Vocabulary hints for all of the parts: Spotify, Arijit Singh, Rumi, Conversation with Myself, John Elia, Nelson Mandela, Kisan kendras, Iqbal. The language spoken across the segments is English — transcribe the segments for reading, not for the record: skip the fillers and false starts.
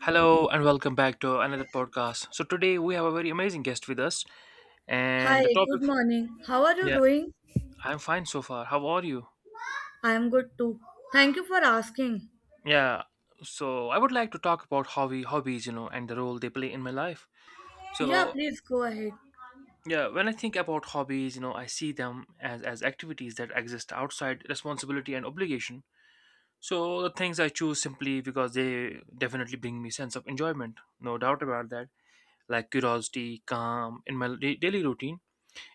Hello and welcome back to another podcast. So today we have a very amazing guest with us, Hi, and the good topic. morning. How are you Yeah, doing? I'm fine so far. How are you? I am good too. Thank you for asking. Yeah. So I would like to talk about hobby hobbies, you know, and the role they play in my life. Yeah, So please go ahead. yeah, when I think about hobbies, you know, I see them as activities that exist outside responsibility and obligation. So the things I choose simply because they definitely bring me sense of enjoyment, no doubt about that. Like curiosity, calm in my daily routine,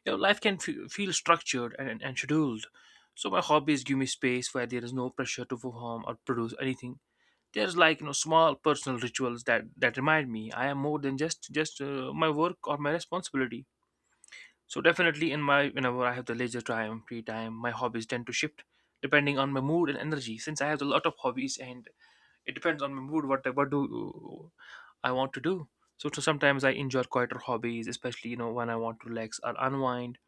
you know, life can feel structured and, and scheduled. So my hobbies give me space where there is no pressure to perform or produce anything. There's like, you know, small personal rituals that remind me I am more than just my work or my responsibility. So definitely in my whenever I have the leisure time, free time, my hobbies tend to shift depending on my mood and energy. Since I have a lot of hobbies and it depends on my mood what do I want to do. So, to sometimes I enjoy quieter hobbies, especially, you know, when I want to relax or unwind.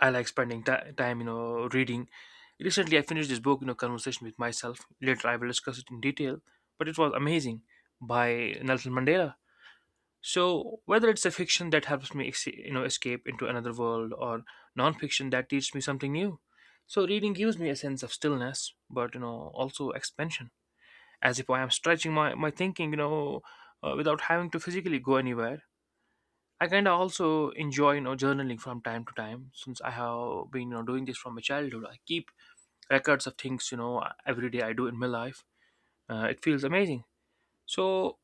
I like spending ti time, you know, reading. Recently, I finished this book, you know, Conversation with Myself. Later, I will discuss it in detail, but it was amazing by Nelson Mandela. So, whether it's a fiction that helps me, you know, escape into another world, or non-fiction that teaches me something new. So, reading gives me a sense of stillness, but, you know, also expansion, as if I am stretching my thinking, you know, without having to physically go anywhere. I kind of also enjoy, you know, journaling from time to time, since I have been, you know, doing this from my childhood. I keep records of things, you know, every day I do in my life. It feels amazing. So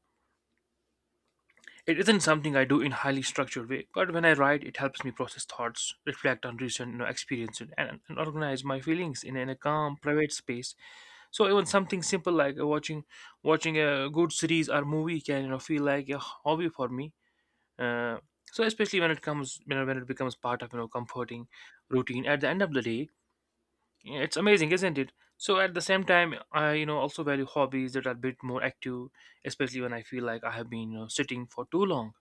it isn't something I do in highly structured way, but when I write, it helps me process thoughts, reflect on recent, you know, experiences, and organize my feelings in a calm, private space. So even something simple like watching a good series or movie can, you know, feel like a hobby for me. uh, so especially when it comes, you know, when it becomes part of, you know, comforting routine at the end of the day. It's amazing, isn't it? So at the same time, I, you know, also value hobbies that are a bit more active, especially when I feel like I have been, you know, sitting for too long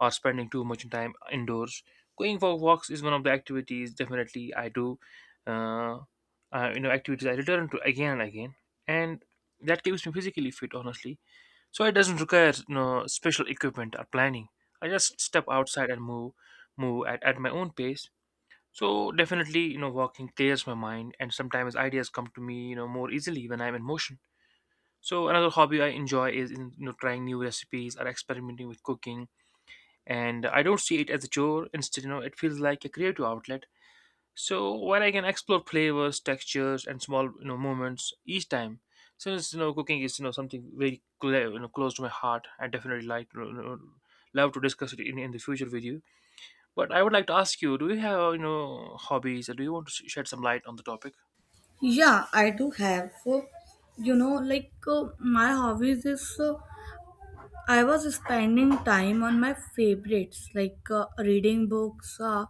or spending too much time indoors. Going for walks is one of the activities definitely I do. uh, you know, activities I return to again and again, and that keeps me physically fit, honestly. So it doesn't require no special equipment or planning. I just step outside and move at my own pace. So definitely, you know, walking clears my mind, and sometimes ideas come to me, you know, more easily when I'm in motion. So another hobby I enjoy is in, you know, trying new recipes or experimenting with cooking, and I don't see it as a chore. Instead, you know, it feels like a creative outlet, so while I can explore flavors, textures, and small, you know, moments each time, since, you know, cooking is, you know, something very you know, close to my heart, I definitely like, you know, love to discuss it in the future with you. But I would like to ask you, do you have, you know, hobbies, or do you want to shed some light on the topic? Yeah, I do have. So, you know, like my hobbies is I was spending time on my favorites like reading books,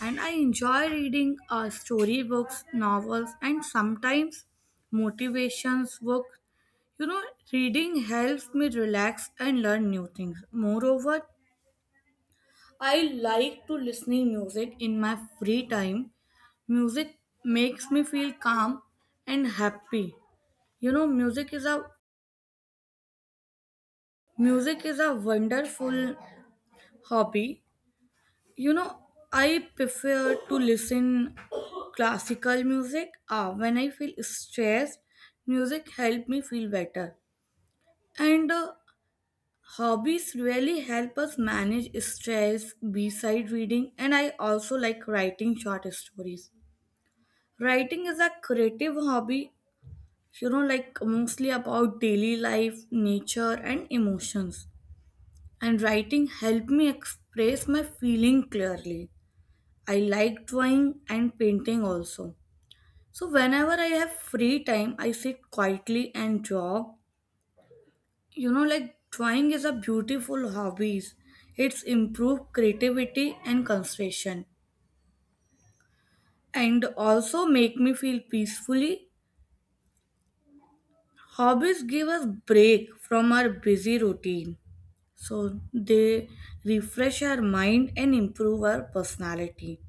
and I enjoy reading story books, novels, and sometimes motivations book. You know, reading helps me relax and learn new things. Moreover, I like to listening music in my free time. Music makes me feel calm and happy. You know, music is a wonderful hobby. You know, I prefer to listen classical music. When I feel stressed, music help me feel better. And hobbies really help us manage stress beside reading, and I also like writing short stories. Writing is a creative hobby, you know, like mostly about daily life, nature, and emotions. And writing helped me express my feeling clearly. I like drawing and painting also. So whenever I have free time, I sit quietly and draw. You know, like drawing is a beautiful hobby. It's improve creativity and concentration, and also make me feel peacefully. Hobbies give us break from our busy routine. So they refresh our mind and improve our personality.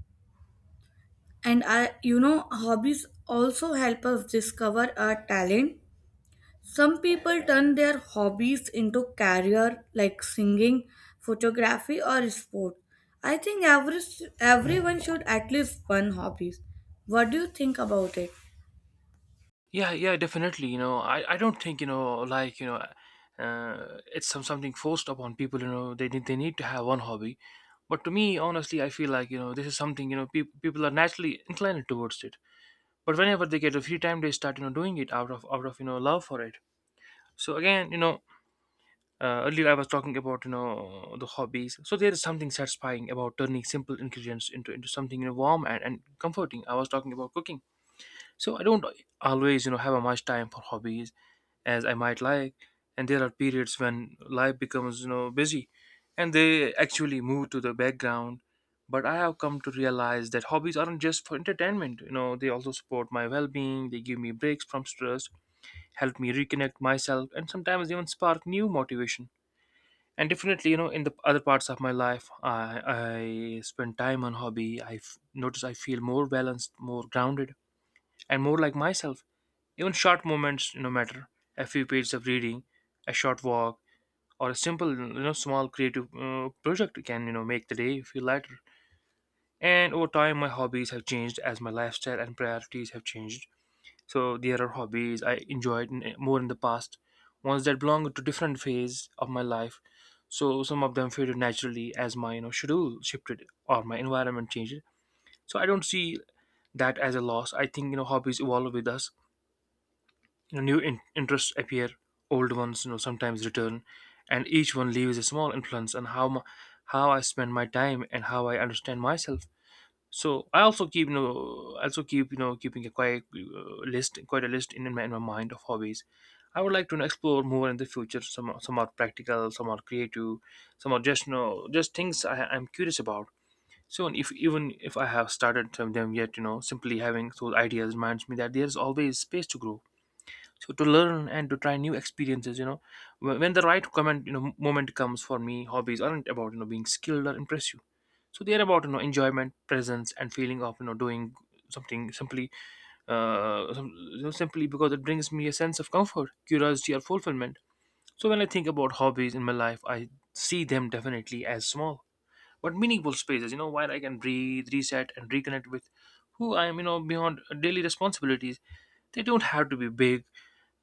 And I, you know, hobbies also help us discover our talent. Some people turn their hobbies into career like singing, photography, or sport. I think everyone should at least one hobbies. What do you think about it? Yeah, yeah, definitely. You know, I don't think, you know, like, you know. It's something forced upon people. You know, they, they need to have one hobby, but to me, honestly, I feel like, you know, this is something, you know, people are naturally inclined towards it. But whenever they get a free time, they start, you know, doing it, out of you know, love for it. So again, you know, earlier I was talking about, you know, the hobbies, so there is something satisfying about turning simple ingredients into something, you know, warm and comforting. I was talking about cooking. So I don't always, you know, have a much time for hobbies as I might like. And there are periods when life becomes, you know, busy, and they actually move to the background. But I have come to realize that hobbies aren't just for entertainment. You know, they also support my well being. They give me breaks from stress, help me reconnect myself, and sometimes even spark new motivation. And definitely, you know, in the other parts of my life, I spend time on hobby. I notice I feel more balanced, more grounded, and more like myself. Even short moments, you know, matter. A few pages of reading, a short walk, or a simple, you know, small creative project can, you know, make the day feel lighter. And over time, my hobbies have changed as my lifestyle and priorities have changed. So there are hobbies I enjoyed more in the past, ones that belong to different phase of my life. So some of them faded naturally as my, you know, schedule shifted or my environment changed. So I don't see that as a loss. I think, you know, hobbies evolve with us. You know, new interests appear, old ones, you know, sometimes return, and each one leaves a small influence on how how I spend my time and how I understand myself. So I also keep, you know, also keep, you know, keeping a quite list, quite a list in my mind of hobbies. I would like to, you know, explore more in the future. Some are practical, some are creative, some are just, you know, just things I'm curious about. So if even if I have started them yet, you know, simply having those ideas reminds me that there's always space to grow, so to learn and to try new experiences, you know. When the right comment, you know, moment comes for me, hobbies aren't about, you know, being skilled or impress you. So they're about, you know, enjoyment, presence, and feeling of, you know, doing something simply. uh, some- you know, simply because it brings me a sense of comfort, curiosity, or fulfillment. So when I think about hobbies in my life, I see them definitely as small but meaningful spaces, you know, where I can breathe, reset, and reconnect with who I am, you know, beyond daily responsibilities. They don't have to be big,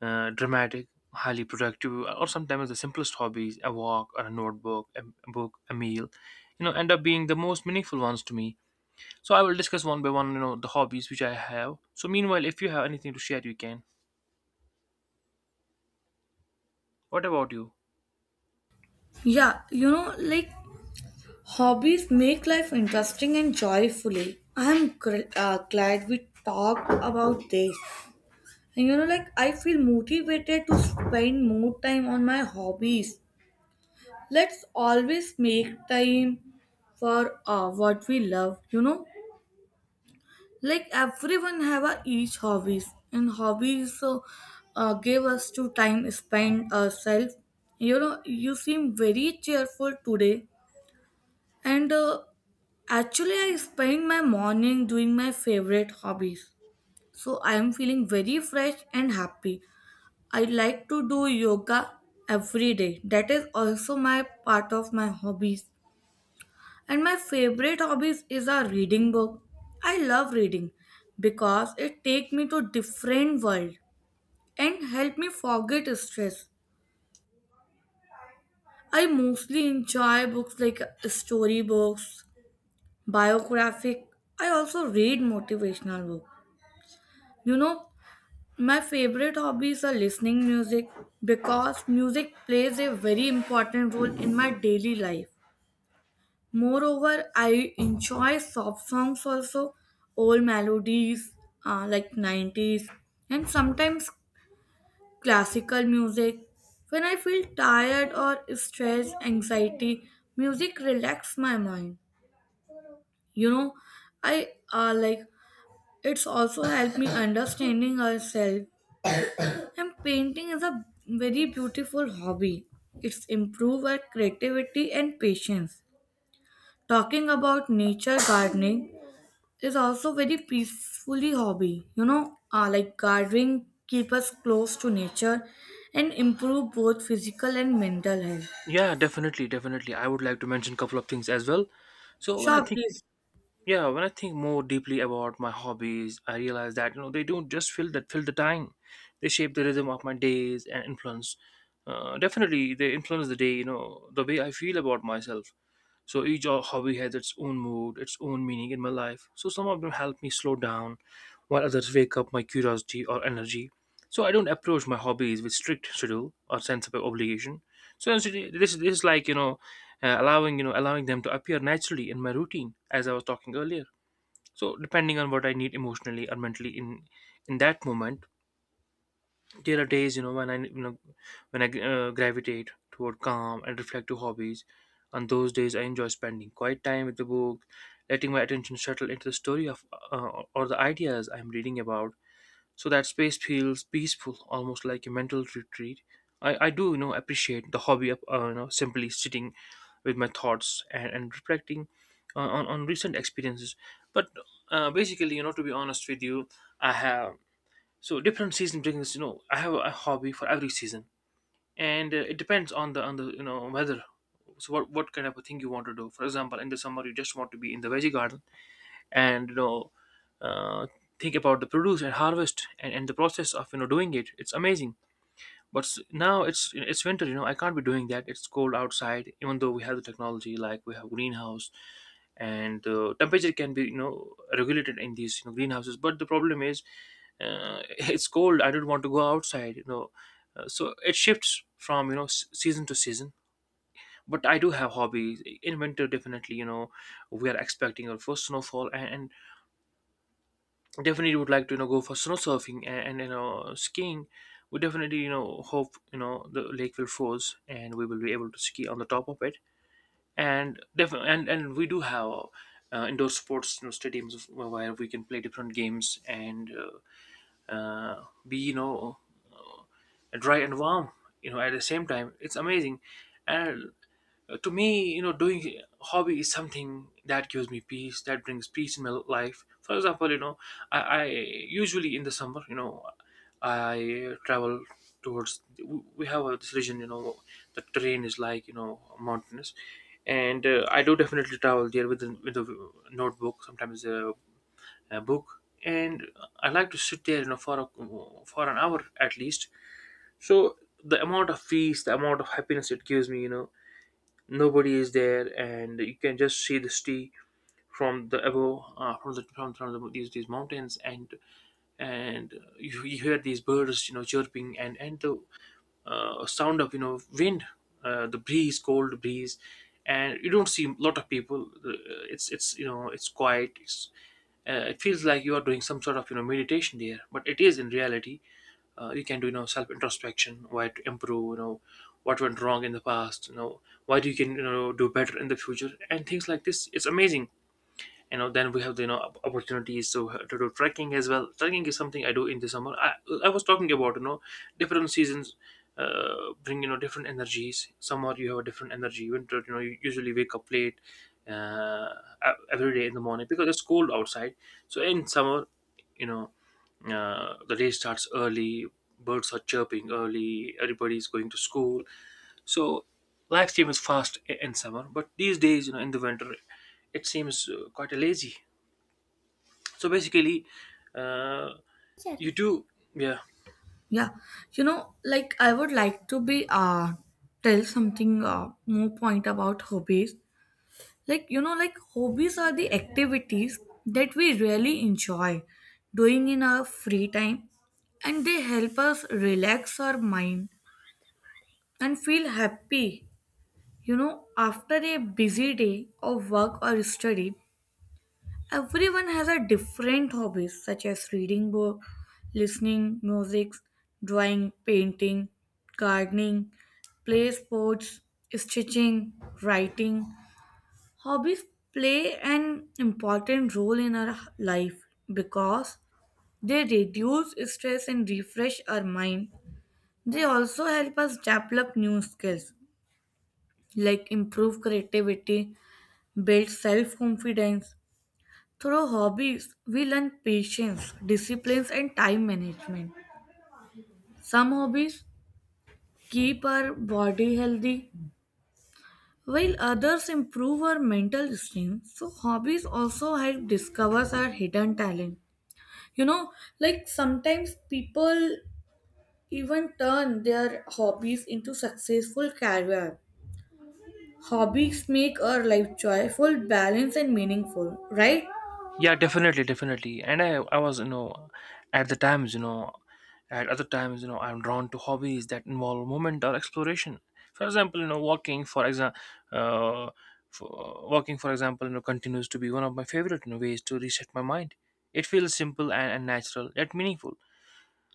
dramatic, highly productive, or sometimes the simplest hobbies, a walk or a notebook, a book, a meal, you know, end up being the most meaningful ones to me. So I will discuss one by one, you know, the hobbies which I have. So meanwhile, if you have anything to share, you can. What about you? Yeah, you know, like hobbies make life interesting and joyfully. Glad we talked about this. And you know, like, I feel motivated to spend more time on my hobbies. Let's always make time for what we love, you know? Like, everyone have a each hobbies. And hobbies so, give us to time spend ourselves. You know, you seem very cheerful today. And Actually, I spend my morning doing my favorite hobbies. So I am feeling very fresh and happy. I like to do yoga every day. That is also my part of my hobbies. And my favorite hobbies is a reading book. I love reading because it take me to different world and help me forget stress. I mostly enjoy books like story books, biographic. I also read motivational books. You know, my favorite hobbies are listening music because music plays a very important role in my daily life. Moreover, I enjoy soft songs also, old melodies like 90s and sometimes classical music. When I feel tired or stressed, anxiety, music relaxes my mind. You know, I like it's also helped me understanding ourselves. And painting is a very beautiful hobby. It's improve our creativity and patience. Talking about nature, gardening is also very peacefully hobby. You know, like gardening keep us close to nature and improve both physical and mental health. Yeah, definitely, definitely. I would like to mention a couple of things as well. So when I Sure, think please. yeah when i think more deeply about my hobbies, I realize that, you know, they don't just fill that fill the time. They shape the rhythm of my days and influence, definitely they influence the day. You know, the way I feel about myself, so each hobby has its own mood, its own meaning in my life. So some of them help me slow down, while others wake up my curiosity or energy. So I don't approach my hobbies with strict schedule or sense of obligation. So essentially this is like, you know, allowing you know, allowing them to appear naturally in my routine, as I was talking earlier. So depending on what I need emotionally or mentally in that moment, there are days, you know, when I, you know, when I gravitate toward calm and reflective hobbies. On those days, I enjoy spending quiet time with the book, letting my attention settle into the story of, or the ideas I'm reading about. So that space feels peaceful, almost like a mental retreat. I do, you know, appreciate the hobby of, you know, simply sitting with my thoughts, and reflecting on recent experiences. But basically, you know, to be honest with you, I have so different season brings. You know, I have a hobby for every season, and it depends on the you know, weather. So what kind of a thing you want to do? For example, in the summer, you just want to be in the veggie garden and uh, think about the produce and harvest and the process of doing it. It's amazing, but now it's winter. I can't be doing that. It's cold outside, even though we have the technology, like we have greenhouse, and the temperature can be, regulated in these, greenhouses. But the problem is, uh, it's cold. I don't want to go outside. So it shifts from season to season. But I do have hobbies in winter. Definitely, we are expecting our first snowfall, and definitely would like to go for snow surfing and skiing. We definitely hope the lake will froze, and we will be able to ski on the top of it. And definitely, and we do have indoor sports, you know, stadiums where we can play different games, and be dry and warm, at the same time. It's amazing. And to me, doing hobby is something that gives me peace, that brings peace in my life. For example, I usually, in the summer, I travel towards. We have this region, the terrain is like mountainous, and I do definitely travel there with a notebook, sometimes a book, and I like to sit there, for for an hour at least. So the amount of peace, the amount of happiness it gives me. Nobody is there, and you can just see the sea from the above, from the, these mountains. And you hear these birds chirping, and the sound of wind, the breeze, cold breeze, and you don't see a lot of people. It's you know it's quiet. It feels like you are doing some sort of meditation there, but it is in reality. You can do self introspection, why to improve, what went wrong in the past, why do you can do better in the future, and things like this. It's amazing. Then we have the opportunities to do trekking as well. Trekking is something I do in the summer. I was talking about different seasons bring different energies. Summer, you have a different energy. Winter, you usually wake up late, uh, every day in the morning, because it's cold outside. So in summer, you know the day starts early, birds are chirping early, everybody's going to school. So life changes fast in summer, but these days, in the winter, it seems quite lazy. So basically, uh, you do, yeah, Yeah, you know, like I would like to be tell something more point about hobbies. Like, you know, like hobbies are the activities that we really enjoy doing in our free time, and they help us relax our mind and feel happy, you know, after a busy day of work or study. Everyone has a different hobbies such as reading book, listening music, drawing, painting, gardening, play sports, stitching, writing. Hobbies play an important role in our life because they reduce stress and refresh our mind. They also help us develop new skills like improve creativity, build self confidence. Through hobbies, we learn patience, discipline, and time management. Some hobbies keep our body healthy, while others improve our mental strength. So, hobbies also help discover our hidden talent, you know, like sometimes people even turn their hobbies into successful career. Hobbies make our life joyful, balanced, and meaningful, right? yeah, definitely, definitely. And I was, at the times, you know, at other times, I'm drawn to hobbies that involve movement or exploration. For example, uh, walking, for example, continues to be one of my favorite, ways to reset my mind. It feels simple and natural, yet meaningful.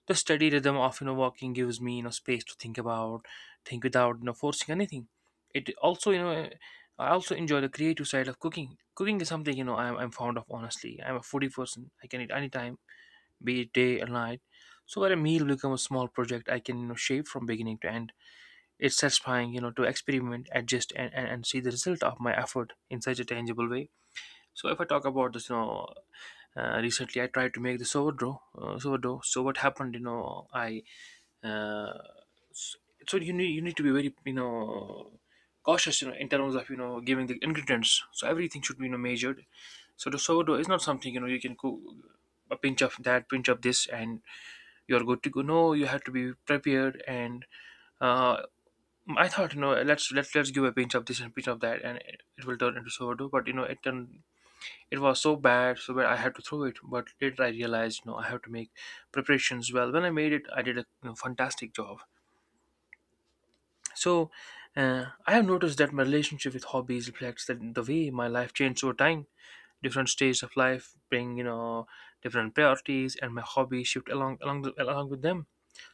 The steady rhythm of walking gives me space to think about, think without forcing anything. It also, I also enjoy the creative side of cooking. Cooking is something I'm fond of. Honestly, I'm a foodie person, I can eat anytime, be it day or night. So where a meal becomes a small project, I can shape from beginning to end. It's satisfying, to experiment, adjust, and see the result of my effort in such a tangible way. So if I talk about this, recently I tried to make the sourdough. So what happened, uh, s- so you need to be very cautious, in terms of giving the ingredients. So everything should be measured. So the sourdough is not something you can cook a pinch of that, pinch of this, and you're good to go. No, you have to be prepared. And uh, I thought, let's, let's give a pinch of this and pinch of that, and it will turn into sourdough. But it was so bad, so bad, I had to throw it. But later, I realized I have to make preparations well. When I made it, I did a fantastic job. So, I have noticed that my relationship with hobbies reflects that the way my life changed over time. Different stages of life bring, you know, different priorities, and my hobbies shift along with them.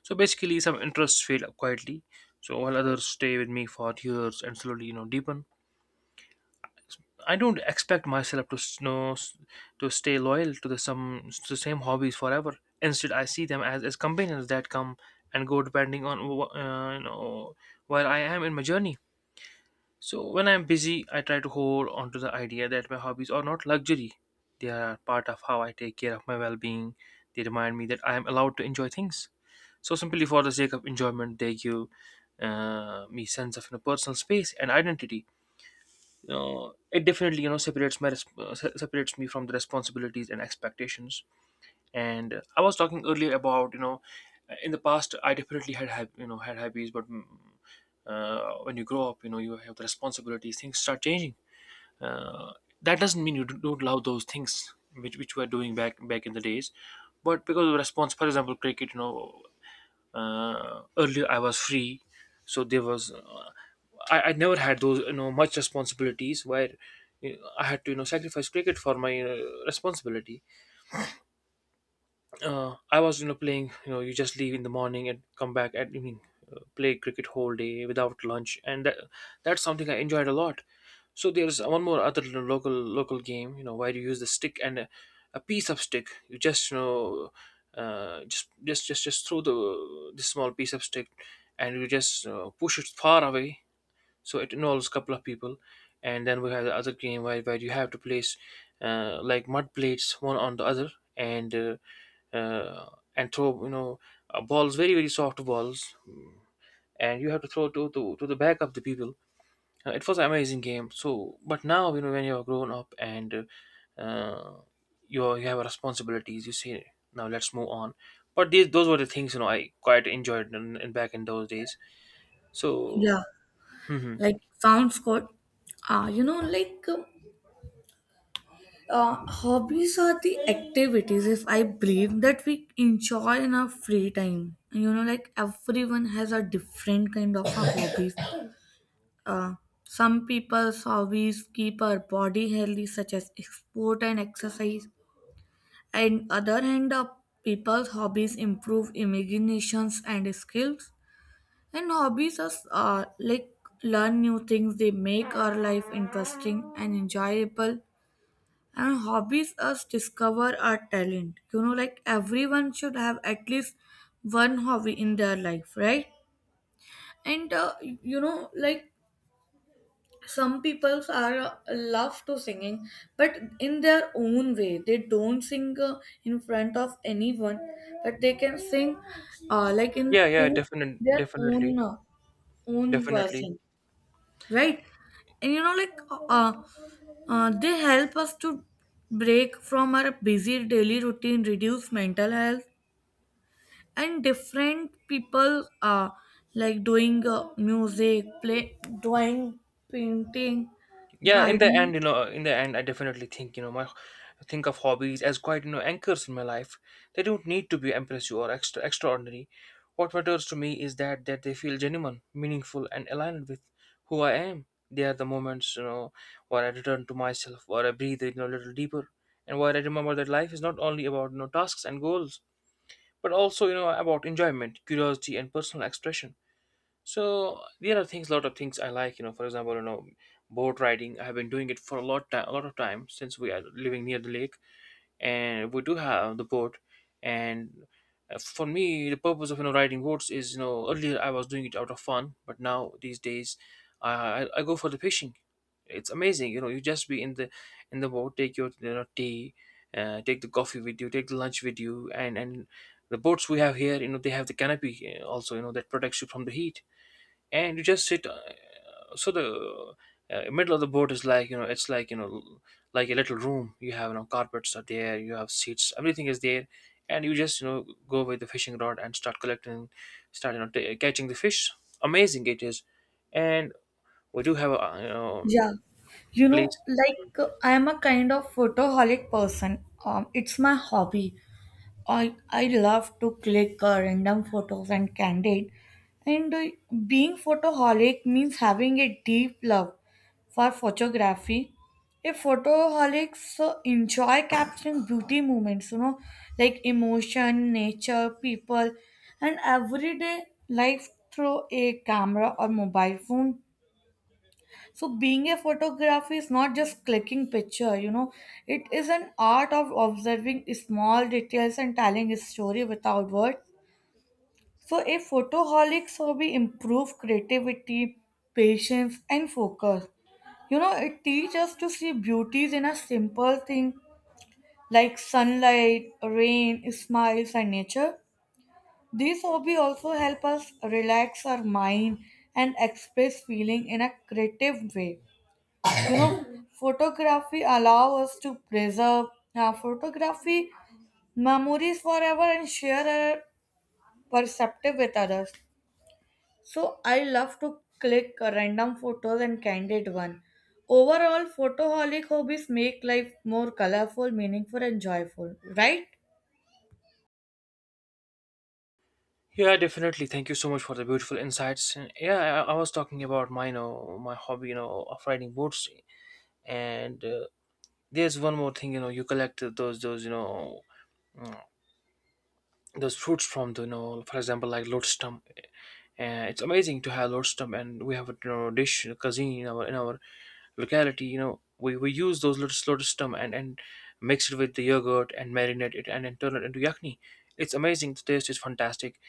So basically, some interests fade quietly, so while others stay with me for years and slowly, deepen. I don't expect myself to to stay loyal to the some to the same hobbies forever. Instead, I see them as companions that come and go, depending on where I am in my journey. So when I'm busy, I try to hold on to the idea that my hobbies are not luxury. They are part of how I take care of my well-being. They remind me that I am allowed to enjoy things, so simply for the sake of enjoyment. They give me sense of personal space and identity. It definitely, separates my separates me from the responsibilities and expectations. And I was talking earlier about in the past I definitely had hobbies, but when you grow up, you have the responsibilities. Things start changing. uh, that doesn't mean you not love those things which we're doing back in the days, but because of response, for example, cricket, earlier I was free. So there was I never had those much responsibilities where, I had to sacrifice cricket for my responsibility. I was playing, you just leave in the morning and come back at evening, play cricket whole day without lunch, and that's something I enjoyed a lot. So there's one more other local game, where you use the stick and a piece of stick. You just you know just throw the small piece of stick, and you just push it far away. So it involves a couple of people. And then we have the other game, where you have to place like mud plates one on the other, and uh, uh, and throw, balls, very very soft balls, and you have to throw to the back of the people. It was an amazing game. So but now, when you're grown up and uh, you have responsibilities, you say, now let's move on. But these, those were the things I quite enjoyed in back in those days. So Yeah, like sounds good. Ah, you know like um, Hobbies are the activities if I believe that we enjoy in our free time, you know, like everyone has a different kind of a hobbies. Uh, some people's hobbies keep our body healthy, such as sport and exercise. And other hand, people's hobbies improve imaginations and skills. And hobbies are like learn new things. They make our life interesting and enjoyable. And hobbies us discover our talent. You know, like everyone should have at least one hobby in their life, right? And you know, like some people are love to singing, but in their own way they don't sing in front of anyone, but they can sing like in Yeah, yeah, in definitely, their definitely, own own definitely. version, right? And you know, like uh, they help us to break from our busy daily routine, reduce mental health. And different people are like doing music play, drawing, painting, Yeah, in the gardening. end, in the end, I definitely think, you know, my I think of hobbies as quite, anchors in my life. They don't need to be impressive or extraordinary. What matters to me is that they feel genuine, meaningful, and aligned with who I am. They are the moments, where I return to myself, where I breathe, a little deeper, and where I remember that life is not only about, tasks and goals, but also, about enjoyment, curiosity, and personal expression. So there are things, lot of things I like. For example, boat riding. I have been doing it for a lot of time, since we are living near the lake, and we do have the boat. And for me, the purpose of riding boats is, earlier I was doing it out of fun, but now these days, I I go for the fishing. It's amazing. You just be in the boat, take your tea, take the coffee with you, take the lunch with you, and the boats we have here, they have the canopy, also, that protects you from the heat, and you just sit. So the middle of the boat is like it's like like a little room. You have carpets are there, you have seats, everything is there, and you just go with the fishing rod and start collecting, start catching the fish. Amazing it is, and we do have a Yeah, you know, place. like I am a kind of photoholic person. It's my hobby. I love to click random photos and candid. And being photoholic means having a deep love for photography. A photoholics enjoy capturing beauty moments, you know, like emotion, nature, people, and everyday life through a camera or mobile phone. So being a photographer is not just clicking picture, you know, it is an art of observing small details and telling a story without words. So a photoholic's hobby improve creativity, patience, and focus. You know, it teaches us to see beauties in a simple thing like sunlight, rain, smiles, and nature. These hobby also help us relax our mind and express feeling in a creative way. Photography allow us to preserve photography memories forever and share our perspective with others. So I love to click random photos and candid one. Overall, photoholic hobbies make life more colorful, meaningful, and joyful. Right? Yeah, definitely. Thank you so much for the beautiful insights. And yeah, I was talking about my hobby, of riding boats, and there's one more thing. You know, you collect those mm, those fruits from the for example like lordstrom. It's amazing to have lordstrom, and we have a dish, a cuisine in our locality. We use those lordstrom and mix it with the yogurt and marinate it, and then turn it into yakni. It's amazing, the taste is fantastic.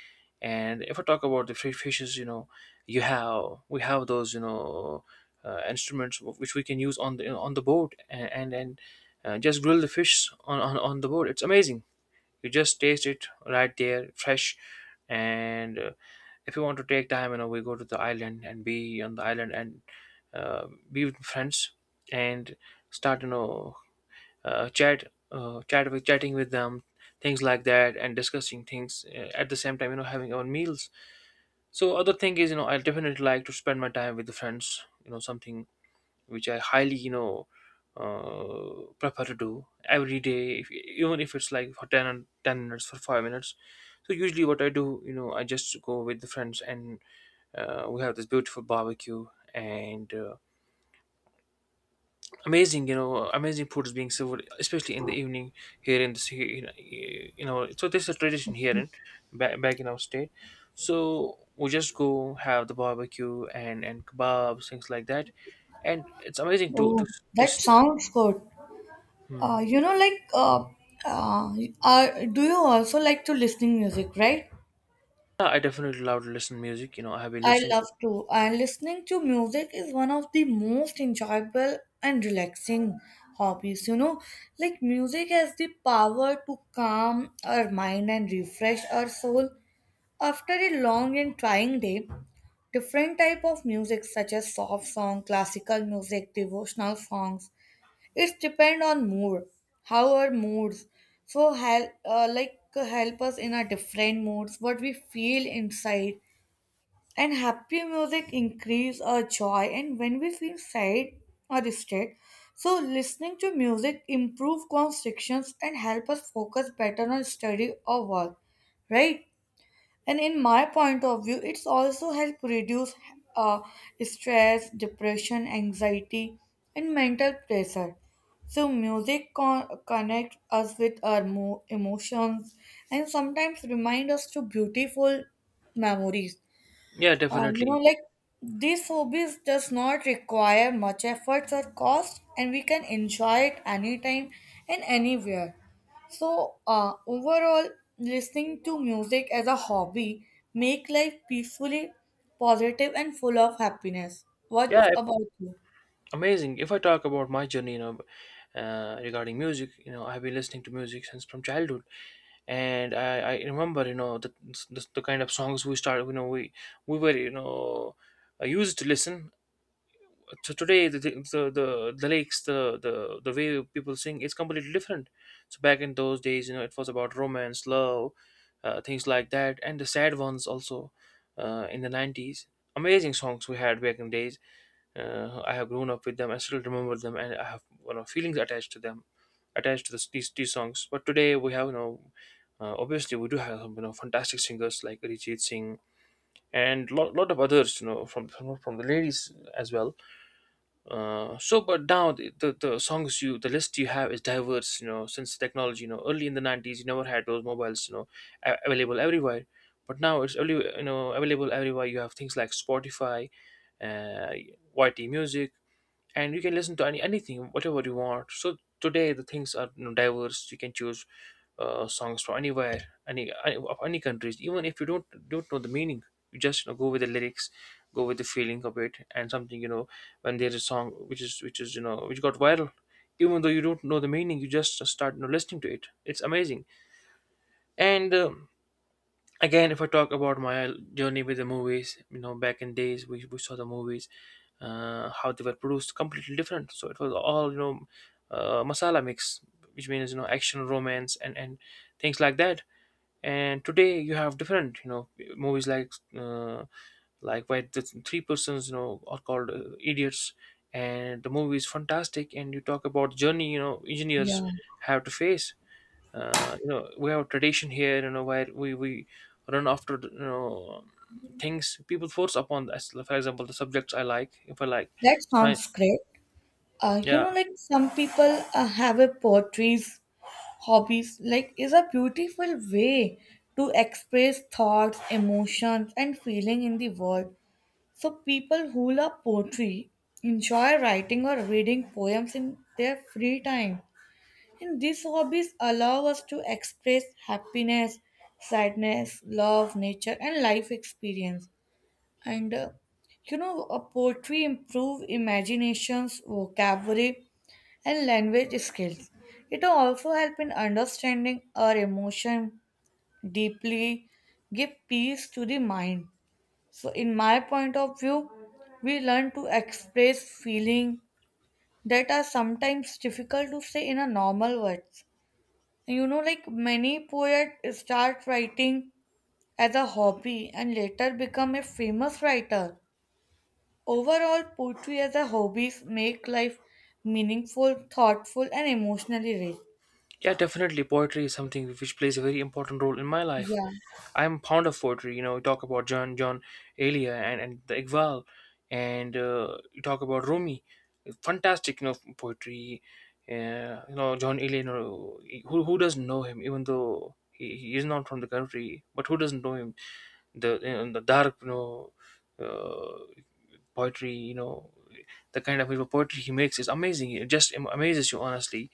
And if I talk about the free fishes, you have, we have those instruments which we can use on the boat, and just grill the fish on the boat. It's amazing, you just taste it right there, fresh. And if you want to take time, you know, we go to the island and be on the island, and be with friends and start, uh, chat, chatting with them, things like that, and discussing things at the same time, you know, having our meals. So other thing is, you know, I definitely like to spend my time with the friends. You know, something which I highly prefer to do every day, if, even if it's like for 10 minutes, for 5 minutes. So usually what I do, you know, I just go with the friends, and we have this beautiful barbecue, and amazing, amazing food is being served, especially in the evening here in the city, in, you know. So this is a tradition here in back in our state. So we just go have the barbecue and kebabs, things like that, and it's amazing Oh, to that s- sounds good. Uh, Hmm. you know, like, uh, uh, do you also like to listening music, right? Yeah, I definitely love to listen music. You know, I have been I listening love to. to, and listening to music is one of the most enjoyable and relaxing hobbies. You know, like music has the power to calm our mind and refresh our soul after a long and trying day. Different type of music such as soft song, classical music, devotional songs. It's depend on mood, how our moods. So help, like help us in our different moods, what we feel inside. And happy music increase our joy, and when we feel sad or distressed. So listening to music improve constrictions and help us focus better on study or work, right? And in my point of view, it's also help reduce uh, stress, depression, anxiety, and mental pressure. So connects us with our emotions and sometimes remind us to beautiful memories. Yeah, You know, definitely. like these hobbies does not require much efforts or cost, and we can enjoy it anytime and anywhere. So, overall, listening to music as a hobby make life peacefully, positive, and full of happiness. What Yeah, about you? amazing. If I talk about my journey, you know, regarding music, you know, I have been listening to music since from childhood, and I remember, you know, the kind of songs we started. You know, we were, you know, I used to listen. So today the lyrics, the way people sing is completely different. So back in those days, you know, it was about romance, love, things like that, and the sad ones also, in the 90s. Amazing songs we had back in days. I have grown up with them, I still remember them, and I have, you know, feelings attached to them, attached to these songs. But today we have, you know, obviously we do have some, you know, fantastic singers like Arijit Singh and lot of others, you know, from the ladies as well. So but now the songs you, the list you have is diverse, you know, since technology, you know, early in the 90s, you never had those mobiles, you know, available everywhere. But now it's only, you know, available everywhere. You have things like Spotify, uh YT Music, and you can listen to anything whatever you want. So today the things are, you know, diverse, you can choose songs from anywhere, any- of any countries. Even if you don't know the meaning, you just, you know, go with the lyrics, go with the feeling of it. And something, you know, when there's a song which is, you know, which got viral, even though you don't know the meaning, you just start, you know, listening to it. It's amazing. And again, if I talk about my journey with the movies, you know, back in days we saw the movies, how they were produced completely different. So it was all, you know, masala mix, which means, you know, action, romance, and things like that. And today you have different, you know, movies like, uh, like where the three persons, you know, are called idiots. And the movie is fantastic, and you talk about journey, you know, engineers Yeah, have to face. You know, we have a tradition here, you know, where we run after the, you know, things people force upon us. Like, for example, the subjects I like, if I like that sci- sounds great. You yeah, know, like some people have a poetry. Hobbies like is a beautiful way to express thoughts, emotions, and feeling in the world. So people who love poetry enjoy writing or reading poems in their free time. And these hobbies allow us to express happiness, sadness, love, nature, and life experience. And uh, poetry improve imaginations, vocabulary, and language skills. It also helps in understanding our emotion deeply, give peace to the mind. So in my point of view, we learn to express feeling that are sometimes difficult to say in a normal words. You know, like many poets start writing as a hobby and later become a famous writer. Overall, poetry as a hobby make life meaningful, thoughtful, and emotionally rich. yeah, definitely poetry is something which plays a very important role in my life. Yeah. I'm fond of poetry, you know. You talk about John Elia, and the Iqbal, and you talk about Rumi. Fantastic, you know, poetry. You know, John Elia, you know, who doesn't know him, even though he is not from the country, but who doesn't know him. The in the dark, you know, uh, poetry, you know, the kind of, you know, poetry he makes is amazing. It just amazes you, honestly.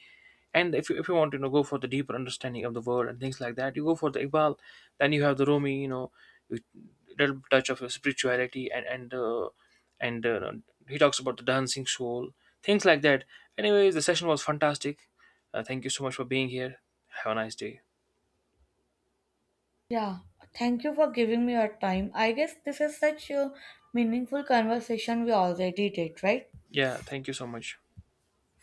And if you want to, you know, go for the deeper understanding of the world and things like that, you go for the Iqbal. Then you have the Rumi, you know, with little touch of spirituality, and he talks about the dancing soul, things like that. Anyways, the session was fantastic. Thank you so much for being here. Have a nice day. Yeah, thank you for giving me your time. I guess this is such a meaningful conversation we already did, right? Yeah, thank you so much.